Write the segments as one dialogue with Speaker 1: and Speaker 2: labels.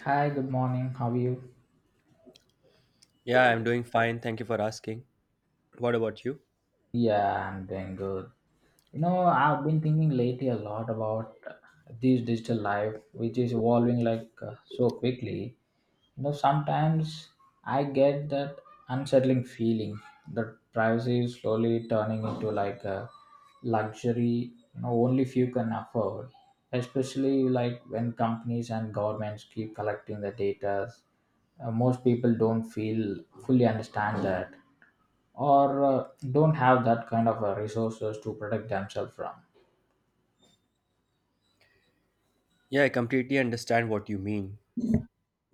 Speaker 1: Hi, good morning. How are you?
Speaker 2: Yeah, I'm doing fine. Thank you for asking. What about you?
Speaker 1: Yeah, I'm doing good. You know, I've been thinking lately a lot about this digital life, which is evolving like so quickly. You know, sometimes I get that unsettling feeling that privacy is slowly turning into like a luxury, you know, only few can afford, especially like when companies and governments keep collecting the data. Most people don't feel fully understand that. Or don't have that kind of resources to protect themselves from.
Speaker 2: Yeah, I completely understand what you mean,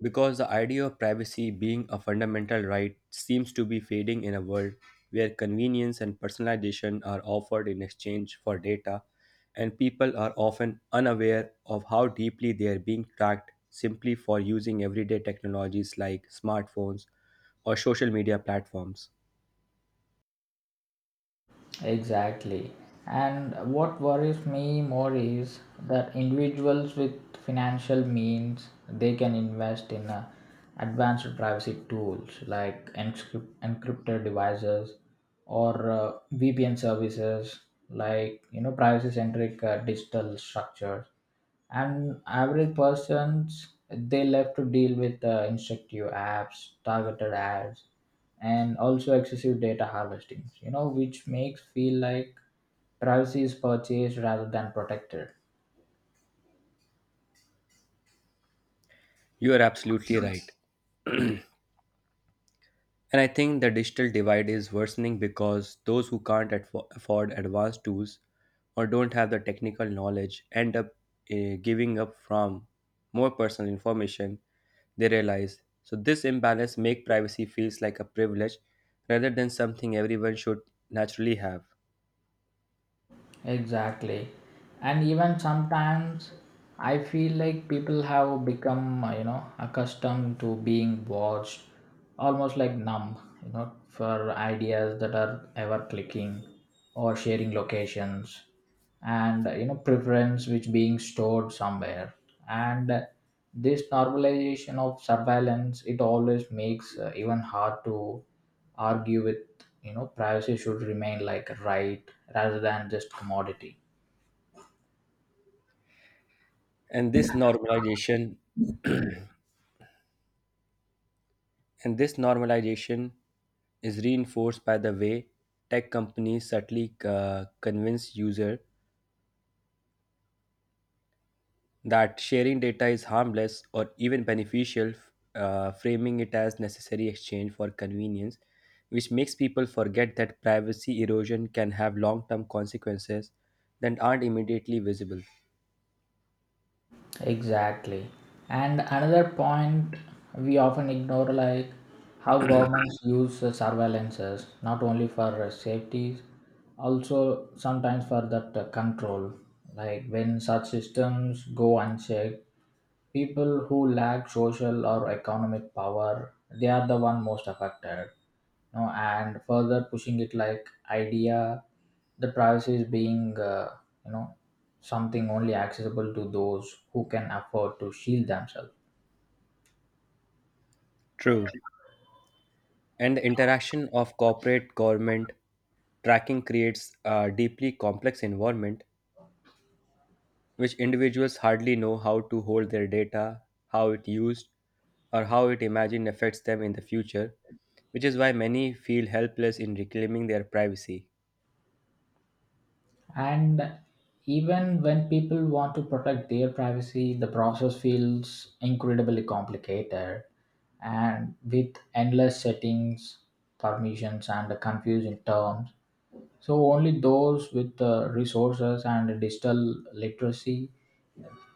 Speaker 2: because the idea of privacy being a fundamental right seems to be fading in a world where convenience and personalization are offered in exchange for data, and people are often unaware of how deeply they are being tracked simply for using everyday technologies like smartphones or social media platforms.
Speaker 1: Exactly. And what worries me more is that individuals with financial means they can invest in advanced privacy tools like encrypted devices or VPN services, like privacy centric digital structures, and average persons they left to deal with instructive apps, targeted ads, and also excessive data harvesting, which makes feel like privacy is purchased rather than protected.
Speaker 2: You are absolutely right. And I think the digital divide is worsening because those who can't afford advanced tools or don't have the technical knowledge end up giving up from more personal information they realize. So this imbalance make privacy feels like a privilege rather than something everyone should naturally have.
Speaker 1: Exactly. And even sometimes I feel like people have become, accustomed to being watched, almost like numb, for ideas that are ever clicking or sharing locations, and preference which being stored somewhere. And this normalization of surveillance it always makes even hard to argue with, privacy should remain like a right rather than just commodity.
Speaker 2: And this normalization And this normalization is reinforced by the way tech companies subtly convince users that sharing data is harmless or even beneficial, framing it as necessary exchange for convenience, which makes people forget that privacy erosion can have long term consequences that aren't immediately visible.
Speaker 1: Exactly. And another point we often ignore, like how governments use the surveillances not only for safety, also sometimes for that control. Like when such systems go unchecked, people who lack social or economic power, they are the one most affected know, and further pushing it like idea the privacy is being you know something only accessible to those who can afford to shield themselves.
Speaker 2: True. And the interaction of corporate government tracking creates a deeply complex environment which individuals hardly know how to hold their data, how it used, or how it imagine affects them in the future, which is why many feel helpless in reclaiming their privacy.
Speaker 1: And even when people want to protect their privacy, the process feels incredibly complicated, and with endless settings, permissions, and confusing terms, so only those with the resources and digital literacy,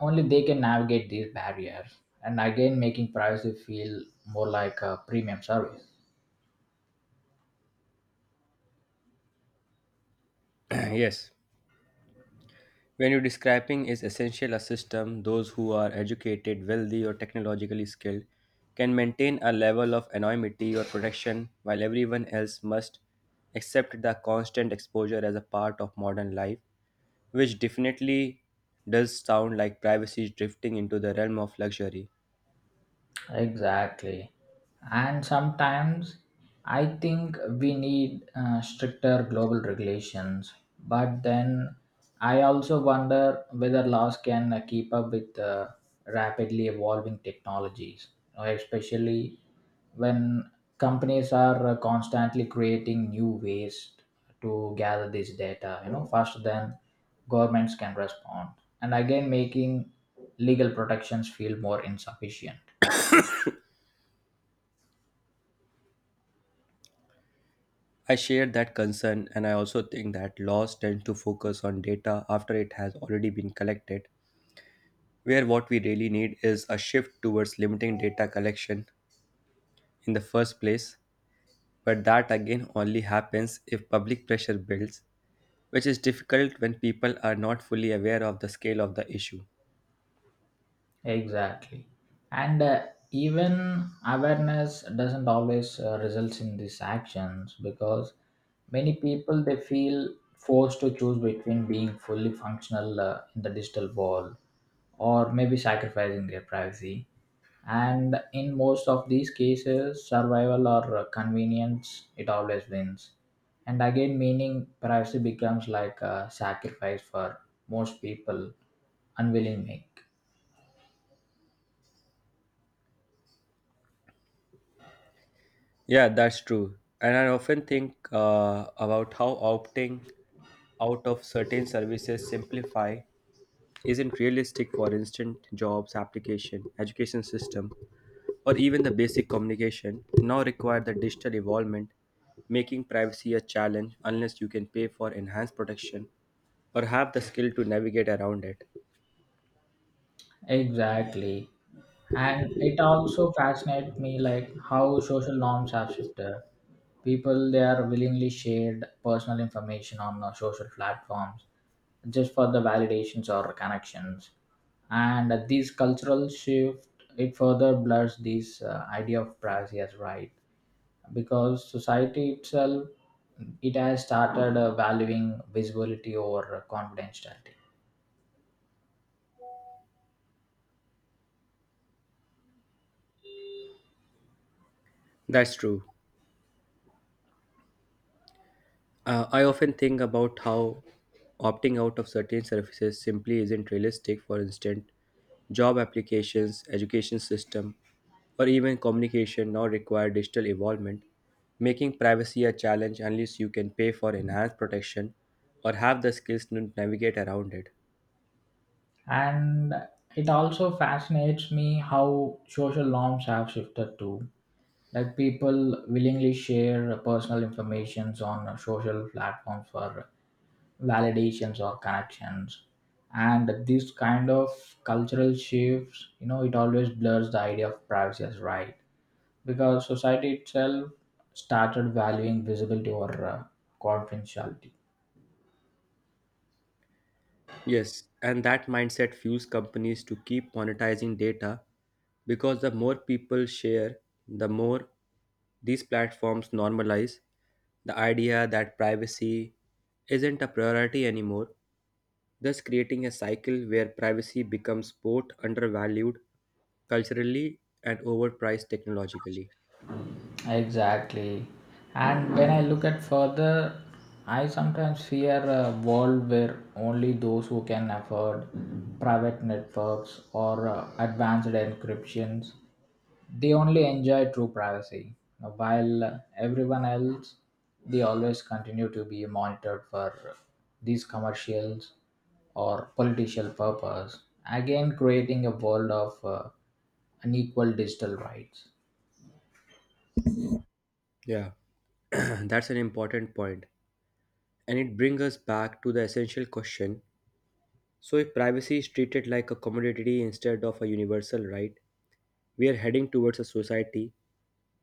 Speaker 1: only they can navigate these barriers, and again making privacy feel more like a premium service.
Speaker 2: Yes, when you are describing is essential a system, those who are educated, wealthy, or technologically skilled can maintain a level of anonymity or protection while everyone else must accept the constant exposure as a part of modern life, which definitely does sound like privacy drifting into the realm of luxury.
Speaker 1: Exactly. And sometimes I think we need stricter global regulations. But then I also wonder whether laws can keep up with rapidly evolving technologies, especially when companies are constantly creating new ways to gather this data, faster than governments can respond. And again, making legal protections feel more insufficient.
Speaker 2: I share that concern, and I also think that laws tend to focus on data after it has already been collected, where what we really need is a shift towards limiting data collection in the first place, but that again only happens if public pressure builds, which is difficult when people are not fully aware of the scale of the issue.
Speaker 1: Exactly. And even awareness doesn't always results in these actions, because many people they feel forced to choose between being fully functional in the digital world, or maybe sacrificing their privacy. And in most of these cases, survival or convenience, it always wins. And again, meaning privacy becomes like a sacrifice for most people unwillingly.
Speaker 2: Yeah, that's true. And I often think about how opting out of certain services simplify isn't realistic for instant jobs, application, education system, or even the basic communication now require the digital involvement, making privacy a challenge unless you can pay for enhanced protection or have the skill to navigate around it.
Speaker 1: Exactly. And it also fascinates me, like how social norms have shifted. People they are willingly shared personal information on social platforms just for the validations or connections. And this cultural shift it further blurs this idea of privacy as right, because society itself it has started valuing visibility over confidentiality.
Speaker 2: That's true. I often think about how opting out of certain services simply isn't realistic. For instance, job applications, education system, or even communication now require digital involvement, making privacy a challenge unless you can pay for enhanced protection or have the skills to navigate around it.
Speaker 1: And it also fascinates me how social norms have shifted too, like people willingly share personal informations on social platforms for validations or connections. And this kind of cultural shifts, it always blurs the idea of privacy as right, because society itself started valuing visibility over confidentiality.
Speaker 2: Yes, and that mindset fuels companies to keep monetizing data because the more people share, the more these platforms normalize the idea that privacy isn't a priority anymore, thus creating a cycle where privacy becomes both undervalued culturally and overpriced technologically.
Speaker 1: Exactly. And when I look at further, I sometimes fear a world where only those who can afford private networks or advanced encryptions, they only enjoy true privacy now, while everyone else they always continue to be monitored for these commercials or political purpose, again creating a world of unequal digital rights.
Speaker 2: Yeah, that's an important point. And it brings us back to the essential question. So, if privacy is treated like a commodity instead of a universal right, we are heading towards a society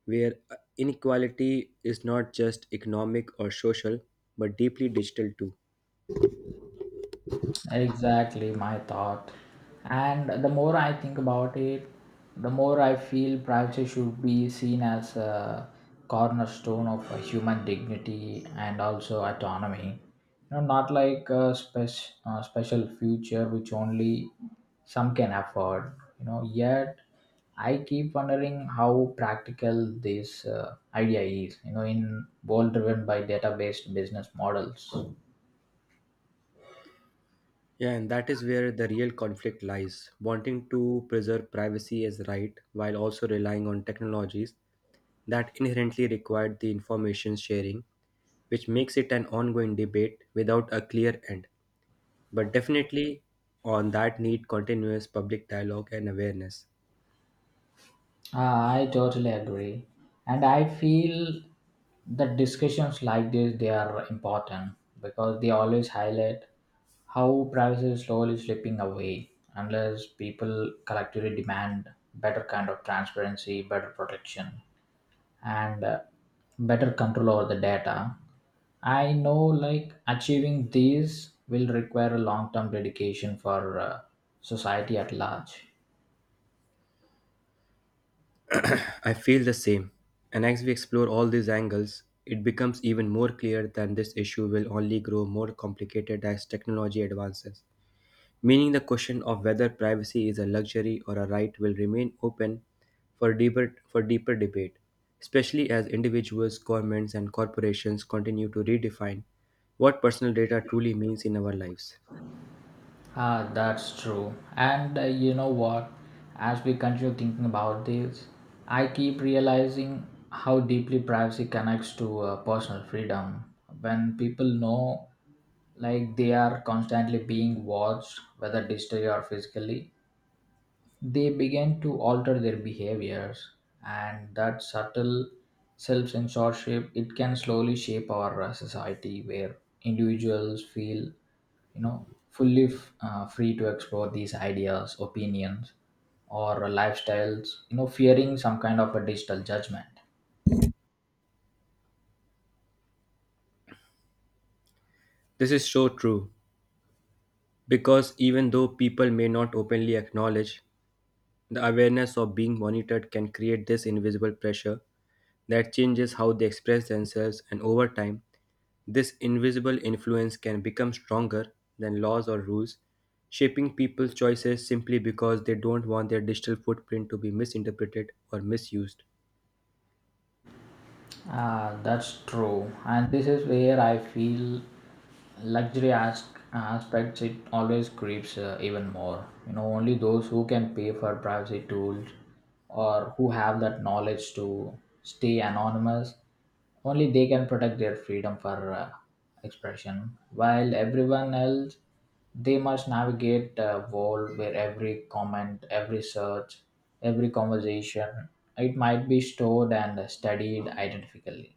Speaker 2: where inequality is not just economic or social, but deeply digital too.
Speaker 1: Exactly my thought. And the more I think about it, the more I feel privacy should be seen as a cornerstone of a human dignity and also autonomy. You know, not like a special future which only some can afford. You know, yet I keep wondering how practical this idea is. You know, in world driven by data-based business models.
Speaker 2: Yeah, and that is where the real conflict lies. Wanting to preserve privacy as right while also relying on technologies that inherently require the information sharing, which makes it an ongoing debate without a clear end. But definitely on that need continuous public dialogue and awareness.
Speaker 1: Ah, I totally agree. And I feel that discussions like this they are important, because they always highlight how privacy is slowly slipping away unless people collectively demand better kind of transparency, better protection, and better control over the data. I know like achieving these will require a long-term dedication for society at large.
Speaker 2: I feel the same. And as we explore all these angles, it becomes even more clear that this issue will only grow more complicated as technology advances. Meaning, the question of whether privacy is a luxury or a right will remain open for deeper debate, especially as individuals, governments, and corporations continue to redefine what personal data truly means in our lives.
Speaker 1: Ah, that's true. And you know what? As we continue thinking about this, I keep realizing how deeply privacy connects to personal freedom. When people know like they are constantly being watched, whether digitally or physically, they began to alter their behaviors. And that subtle self-censorship it can slowly shape our society, where individuals feel fully free to explore these ideas, opinions, or lifestyles, fearing some kind of a digital judgment.
Speaker 2: This is so true. Because even though people may not openly acknowledge, the awareness of being monitored can create this invisible pressure that changes how they express themselves, and over time, this invisible influence can become stronger than laws or rules, shaping people's choices simply because they don't want their digital footprint to be misinterpreted or misused.
Speaker 1: Ah, that's true. And this is where I feel luxury aspects it always creeps even more. You know, only those who can pay for privacy tools, or who have that knowledge to stay anonymous, only they can protect their freedom for expression, while everyone else they must navigate a world where every comment, every search, every conversation, it might be stored and studied identically.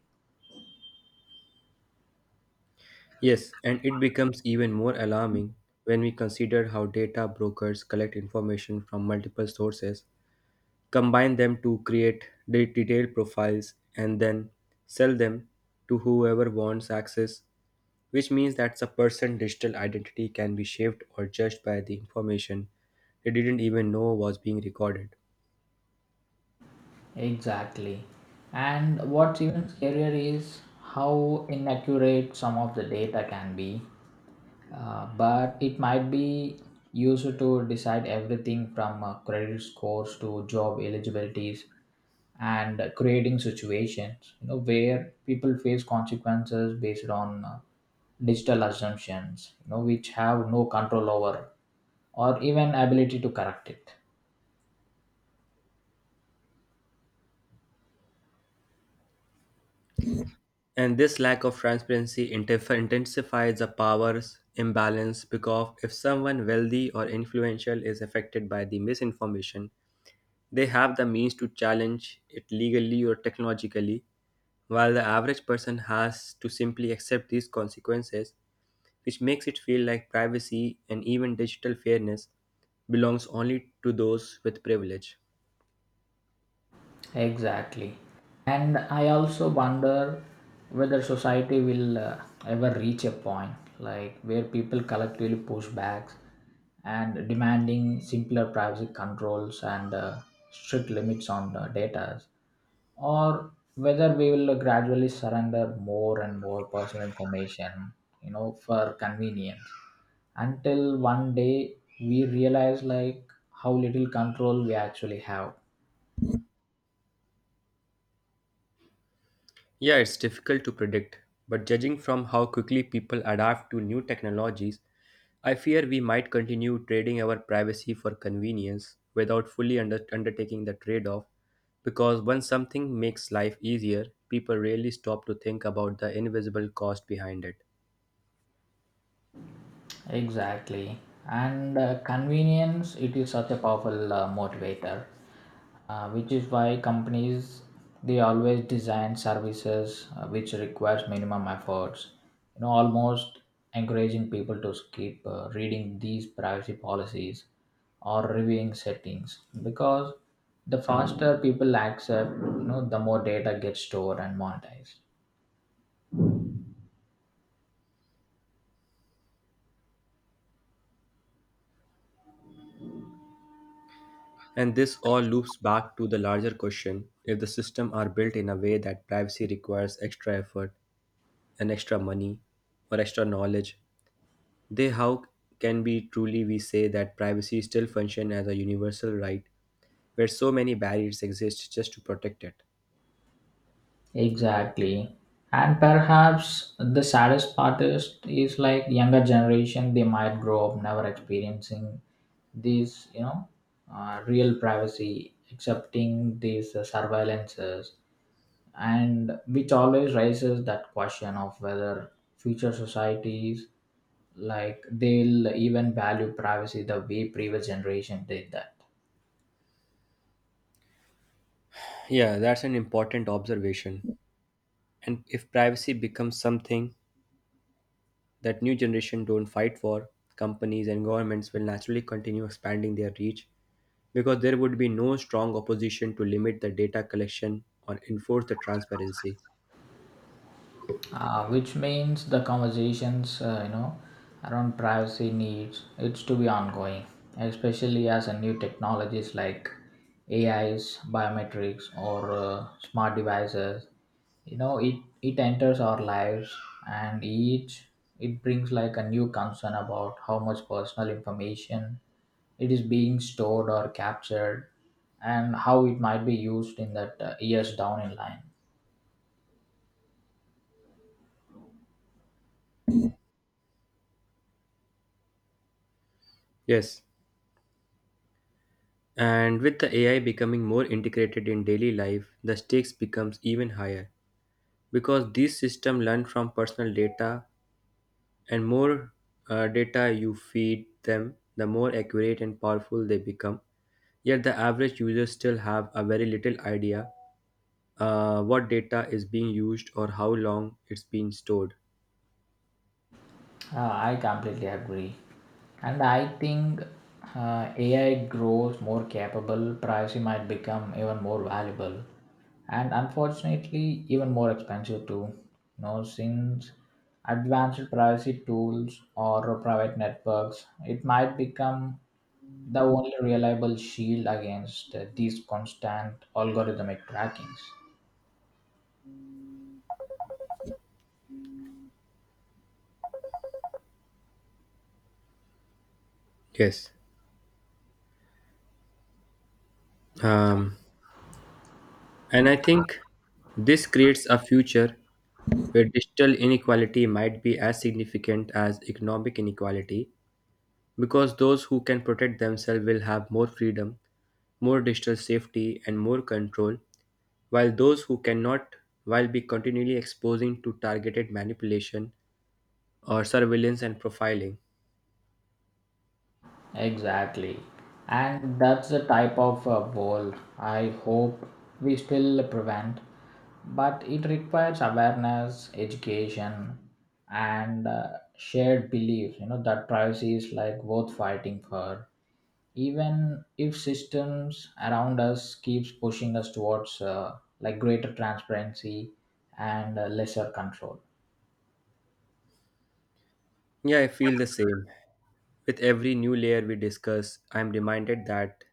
Speaker 2: Yes, and it becomes even more alarming when we consider how data brokers collect information from multiple sources, combine them to create detailed profiles, and then sell them to whoever wants access, which means that a person's digital identity can be shaped or judged by the information they didn't even know was being recorded.
Speaker 1: Exactly. And what's even scarier is how inaccurate some of the data can be. But it might be used to decide everything from credit scores to job eligibilities, and creating situations where people face consequences based on digital assumptions, which have no control over, or even ability to correct it.
Speaker 2: And this lack of transparency intensifies the powers imbalance, because if someone wealthy or influential is affected by the misinformation, they have the means to challenge it legally or technologically, while the average person has to simply accept these consequences, which makes it feel like privacy and even digital fairness belongs only to those with privilege.
Speaker 1: Exactly. And I also wonder whether society will ever reach a point, like where people collectively push back and demanding simpler privacy controls and strict limits on the data, or whether we will gradually surrender more and more personal information, for convenience, until one day we realize like how little control we actually have.
Speaker 2: Yeah, it's difficult to predict, but judging from how quickly people adapt to new technologies, I fear we might continue trading our privacy for convenience without fully undertaking the trade off, because once something makes life easier, people rarely stop to think about the invisible cost behind it.
Speaker 1: Exactly. And convenience, it is such a powerful motivator, which is why companies they always design services which requires minimum efforts. You know, almost encouraging people to skip reading these privacy policies or reviewing settings, because the faster people accept, the more data gets stored and monetized.
Speaker 2: And this all loops back to the larger question. If the system are built in a way that privacy requires extra effort and extra money or extra knowledge, they how can be truly we say that privacy still function as a universal right where so many barriers exist just to protect it.
Speaker 1: Exactly. And perhaps the saddest part is like younger generation, they might grow up never experiencing these, real privacy, accepting these surveillances, and which always raises that question of whether future societies, like they'll even value privacy the way previous generation did that.
Speaker 2: Yeah, that's an important observation. And if privacy becomes something that new generation don't fight for, companies and governments will naturally continue expanding their reach because there would be no strong opposition to limit the data collection or enforce the transparency.
Speaker 1: Which means the conversations around privacy needs it's to be ongoing, especially as a new technologies like ais, biometrics, or smart devices, you know it it enters our lives, and each it brings like a new concern about how much personal information it is being stored or captured, and how it might be used in that years down in line.
Speaker 2: Yes. And with the AI becoming more integrated in daily life, the stakes becomes even higher because these systems learn from personal data, and more data you feed them, the more accurate and powerful they become, yet the average user still have a very little idea what data is being used or how long it's been stored.
Speaker 1: I completely agree. And I think AI grows more capable, privacy might become even more valuable. And unfortunately, even more expensive too. You know, since advanced privacy tools or private networks, it might become the only reliable shield against these constant algorithmic trackings.
Speaker 2: Yes. um, and I think this creates a future where digital inequality might be as significant as economic inequality because those who can protect themselves will have more freedom, more digital safety, and more control, while those who cannot will be continually exposing to targeted manipulation or surveillance and profiling.
Speaker 1: Exactly. And that's the type of bowl I hope we still prevent. But it requires awareness, education, and shared belief, that privacy is like worth fighting for. Even if systems around us keeps pushing us towards like greater transparency and lesser control.
Speaker 2: Yeah, I feel the same. With every new layer we discuss, I am reminded that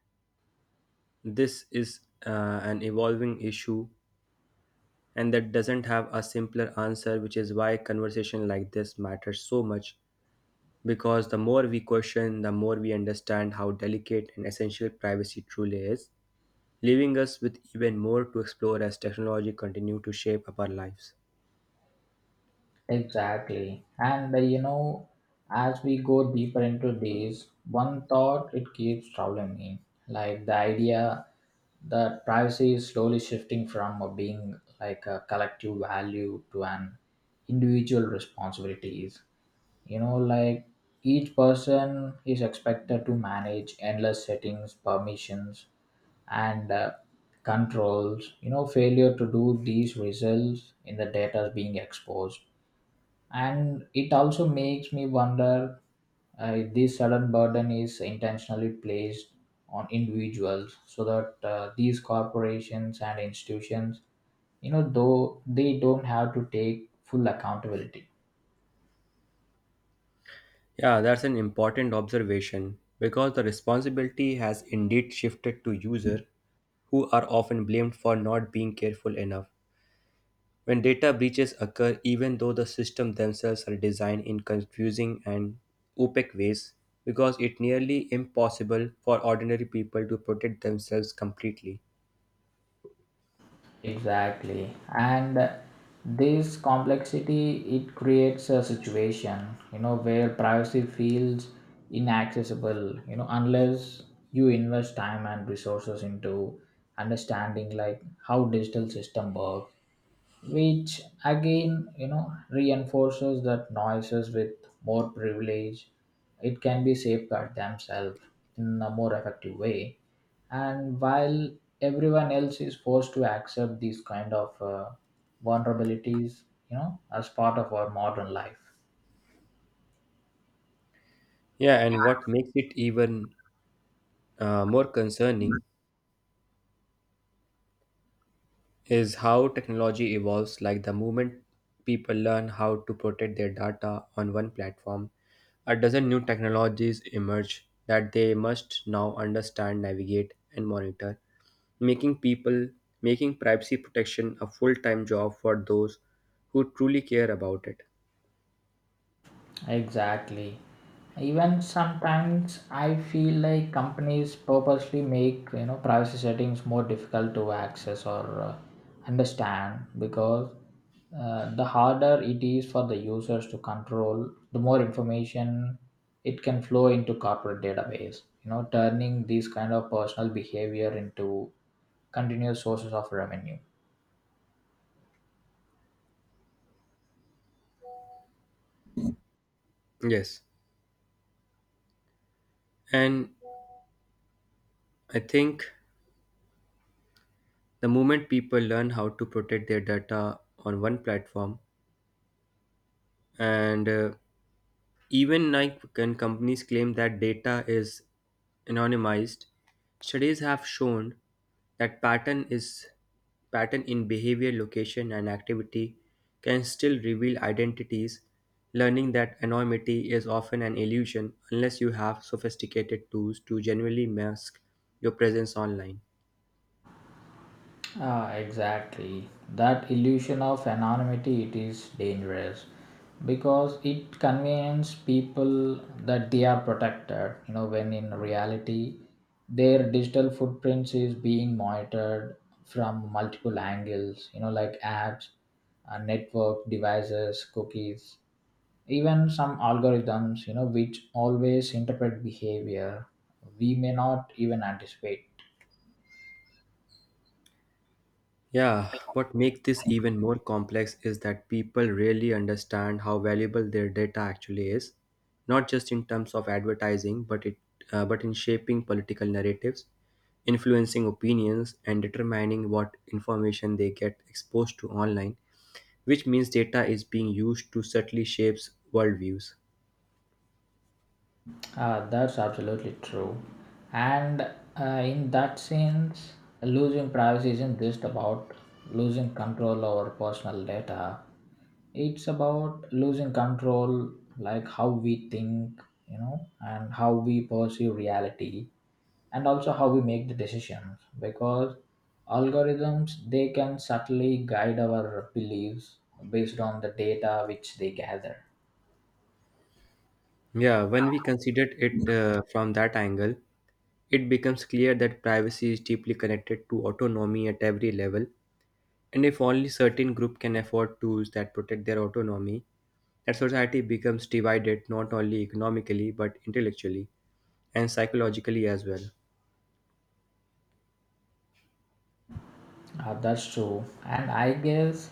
Speaker 2: this is an evolving issue and that doesn't have a simpler answer, which is why conversation like this matters so much. Because the more we question, the more we understand how delicate and essential privacy truly is, leaving us with even more to explore as technology continues to shape up our lives.
Speaker 1: Exactly. As we go deeper into this, one thought it keeps troubling me, like the idea that privacy is slowly shifting from being like a collective value to an individual responsibilities. You know, like each person is expected to manage endless settings, permissions, and controls. You know, failure to do these results in the data being exposed, and it also makes me wonder if this sudden burden is intentionally placed on individuals so that these corporations and institutions, though they don't have to take full accountability.
Speaker 2: Yeah, that's an important observation, because the responsibility has indeed shifted to users, who are often blamed for not being careful enough. When data breaches occur, even though the systems themselves are designed in confusing and opaque ways, because it's nearly impossible for ordinary people to protect themselves completely.
Speaker 1: Exactly. And this complexity it creates a situation, where privacy feels inaccessible, unless you invest time and resources into understanding like how digital system work, which again reinforces that noises with more privilege, it can be safeguard themselves in a more effective way, and while everyone else is forced to accept these kind of vulnerabilities, as part of our modern life.
Speaker 2: Yeah, and what makes it even more concerning is how technology evolves. Like the moment people learn how to protect their data on one platform, a dozen new technologies emerge that they must now understand, navigate, and monitor, making people making privacy protection a full-time job for those who truly care about it.
Speaker 1: Exactly. Even sometimes I feel like companies purposely make privacy settings more difficult to access or understand, because the harder it is for the users to control, the more information it can flow into corporate database. You know, turning these kind of personal behavior into continuous sources of revenue.
Speaker 2: Yes, and I think the moment people learn how to protect their data on one platform, and even Nike and companies claim that data is anonymized. Studies have shown that pattern in behavior, location, and activity can still reveal identities. Learning that anonymity is often an illusion unless you have sophisticated tools to genuinely mask your presence online.
Speaker 1: Ah, exactly. That illusion of anonymity it is dangerous, because it convinces people that they are protected, when in reality their digital footprints is being monitored from multiple angles, like apps, network devices, cookies, even some algorithms, which always interpret behavior we may not even anticipate.
Speaker 2: Yeah, what makes this even more complex is that people really understand how valuable their data actually is, not just in terms of advertising, but in shaping political narratives, influencing opinions, and determining what information they get exposed to online, which means data is being used to subtly shapes worldviews.
Speaker 1: That's absolutely true. And in that sense, losing privacy isn't just about losing control over personal data. It's about losing control, like how we think, and how we perceive reality, and also how we make the decisions. Because algorithms, they can subtly guide our beliefs based on the data which they gather.
Speaker 2: Yeah, when we considered it from that angle, it becomes clear that privacy is deeply connected to autonomy at every level. And if only certain group can afford tools that protect their autonomy, that society becomes divided not only economically but intellectually and psychologically as well.
Speaker 1: That's true, and I guess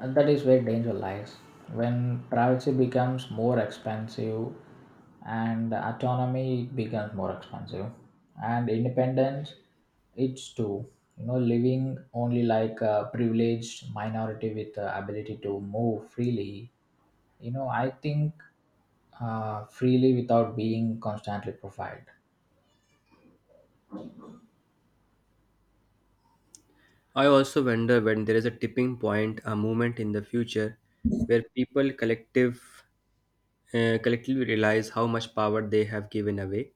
Speaker 1: that is where danger lies. When privacy becomes more expensive, and autonomy becomes more expensive, and independence, it's too. You know, living only like a privileged minority with the ability to move freely. You know, I think freely without being constantly profiled.
Speaker 2: I also wonder when there is a tipping point, a moment in the future where people collectively realize how much power they have given away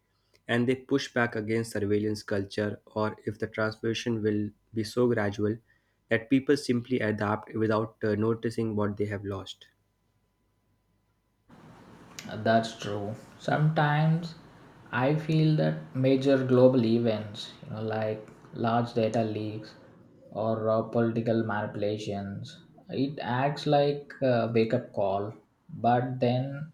Speaker 2: and they push back against surveillance culture, or if the transformation will be so gradual that people simply adapt without noticing what they have lost.
Speaker 1: That's true. Sometimes I feel that major global events, like large data leaks or political manipulations, it acts like a wake up call. But then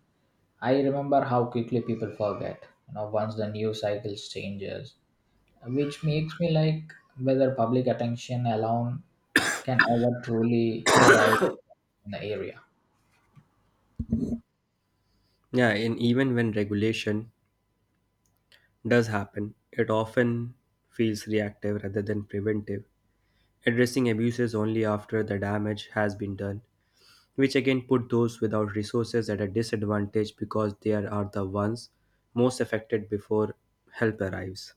Speaker 1: I remember how quickly people forget, once the news cycle changes, which makes me like whether public attention alone can ever truly drive in the area.
Speaker 2: Yeah, and even when regulation does happen, it often feels reactive rather than preventive, addressing abuses only after the damage has been done, which again put those without resources at a disadvantage because they are the ones most affected before help arrives.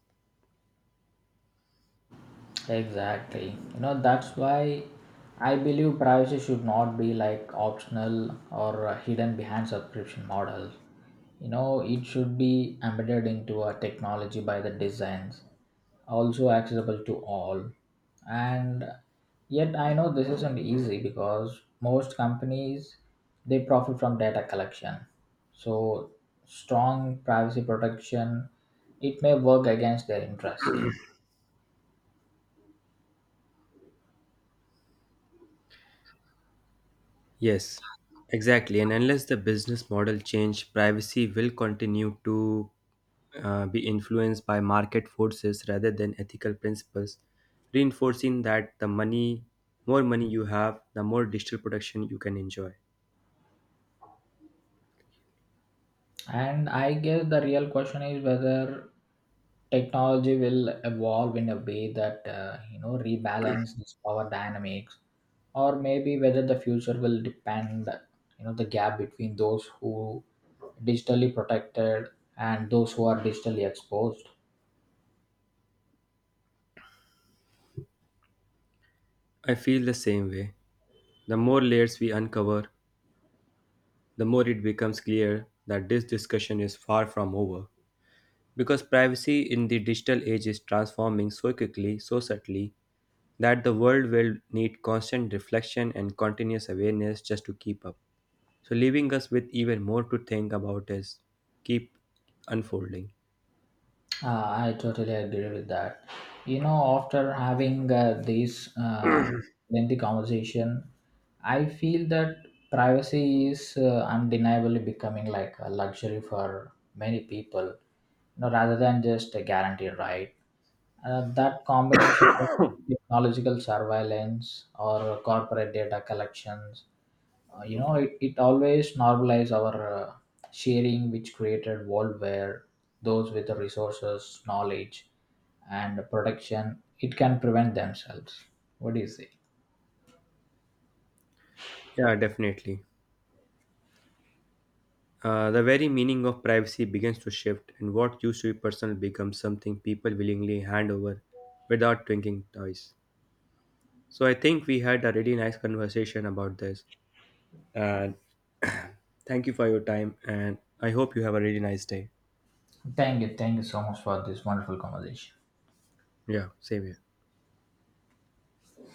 Speaker 1: Exactly. You know, that's why I believe privacy should not be like optional or hidden behind subscription models. You know, it should be embedded into a technology by the designs, also accessible to all. And yet I know this isn't easy, because most companies they profit from data collection. So strong privacy protection it may work against their interest.
Speaker 2: Yes, exactly. And unless the business model change, privacy will continue to be influenced by market forces rather than ethical principles, reinforcing that the money, more money you have, the more digital protection you can enjoy.
Speaker 1: And I guess the real question is whether technology will evolve in a way that rebalance this power dynamics, or maybe whether the future will depend the gap between those who digitally protected and those who are digitally exposed.
Speaker 2: I feel the same way. The more layers we uncover, the more it becomes clear that this discussion is far from over. Because privacy in the digital age is transforming so quickly, so subtly, that the world will need constant reflection and continuous awareness just to keep up. So, leaving us with even more to think about as keep unfolding.
Speaker 1: I totally agree with that. You know, after having this lengthy conversation, I feel that privacy is undeniably becoming like a luxury for many people, rather than just a guarantee, right? That combination of technological surveillance or corporate data collections, it always normalized our sharing, which created world where those with the resources, knowledge, and protection, it can prevent themselves. What do you say?
Speaker 2: Yeah, definitely. The very meaning of privacy begins to shift, and what used to be personal becomes something people willingly hand over without thinking twice. So, I think we had a really nice conversation about this. And thank you for your time. And I hope you have a really nice day.
Speaker 1: Thank you, thank you so much for this wonderful conversation.
Speaker 2: Yeah, same here.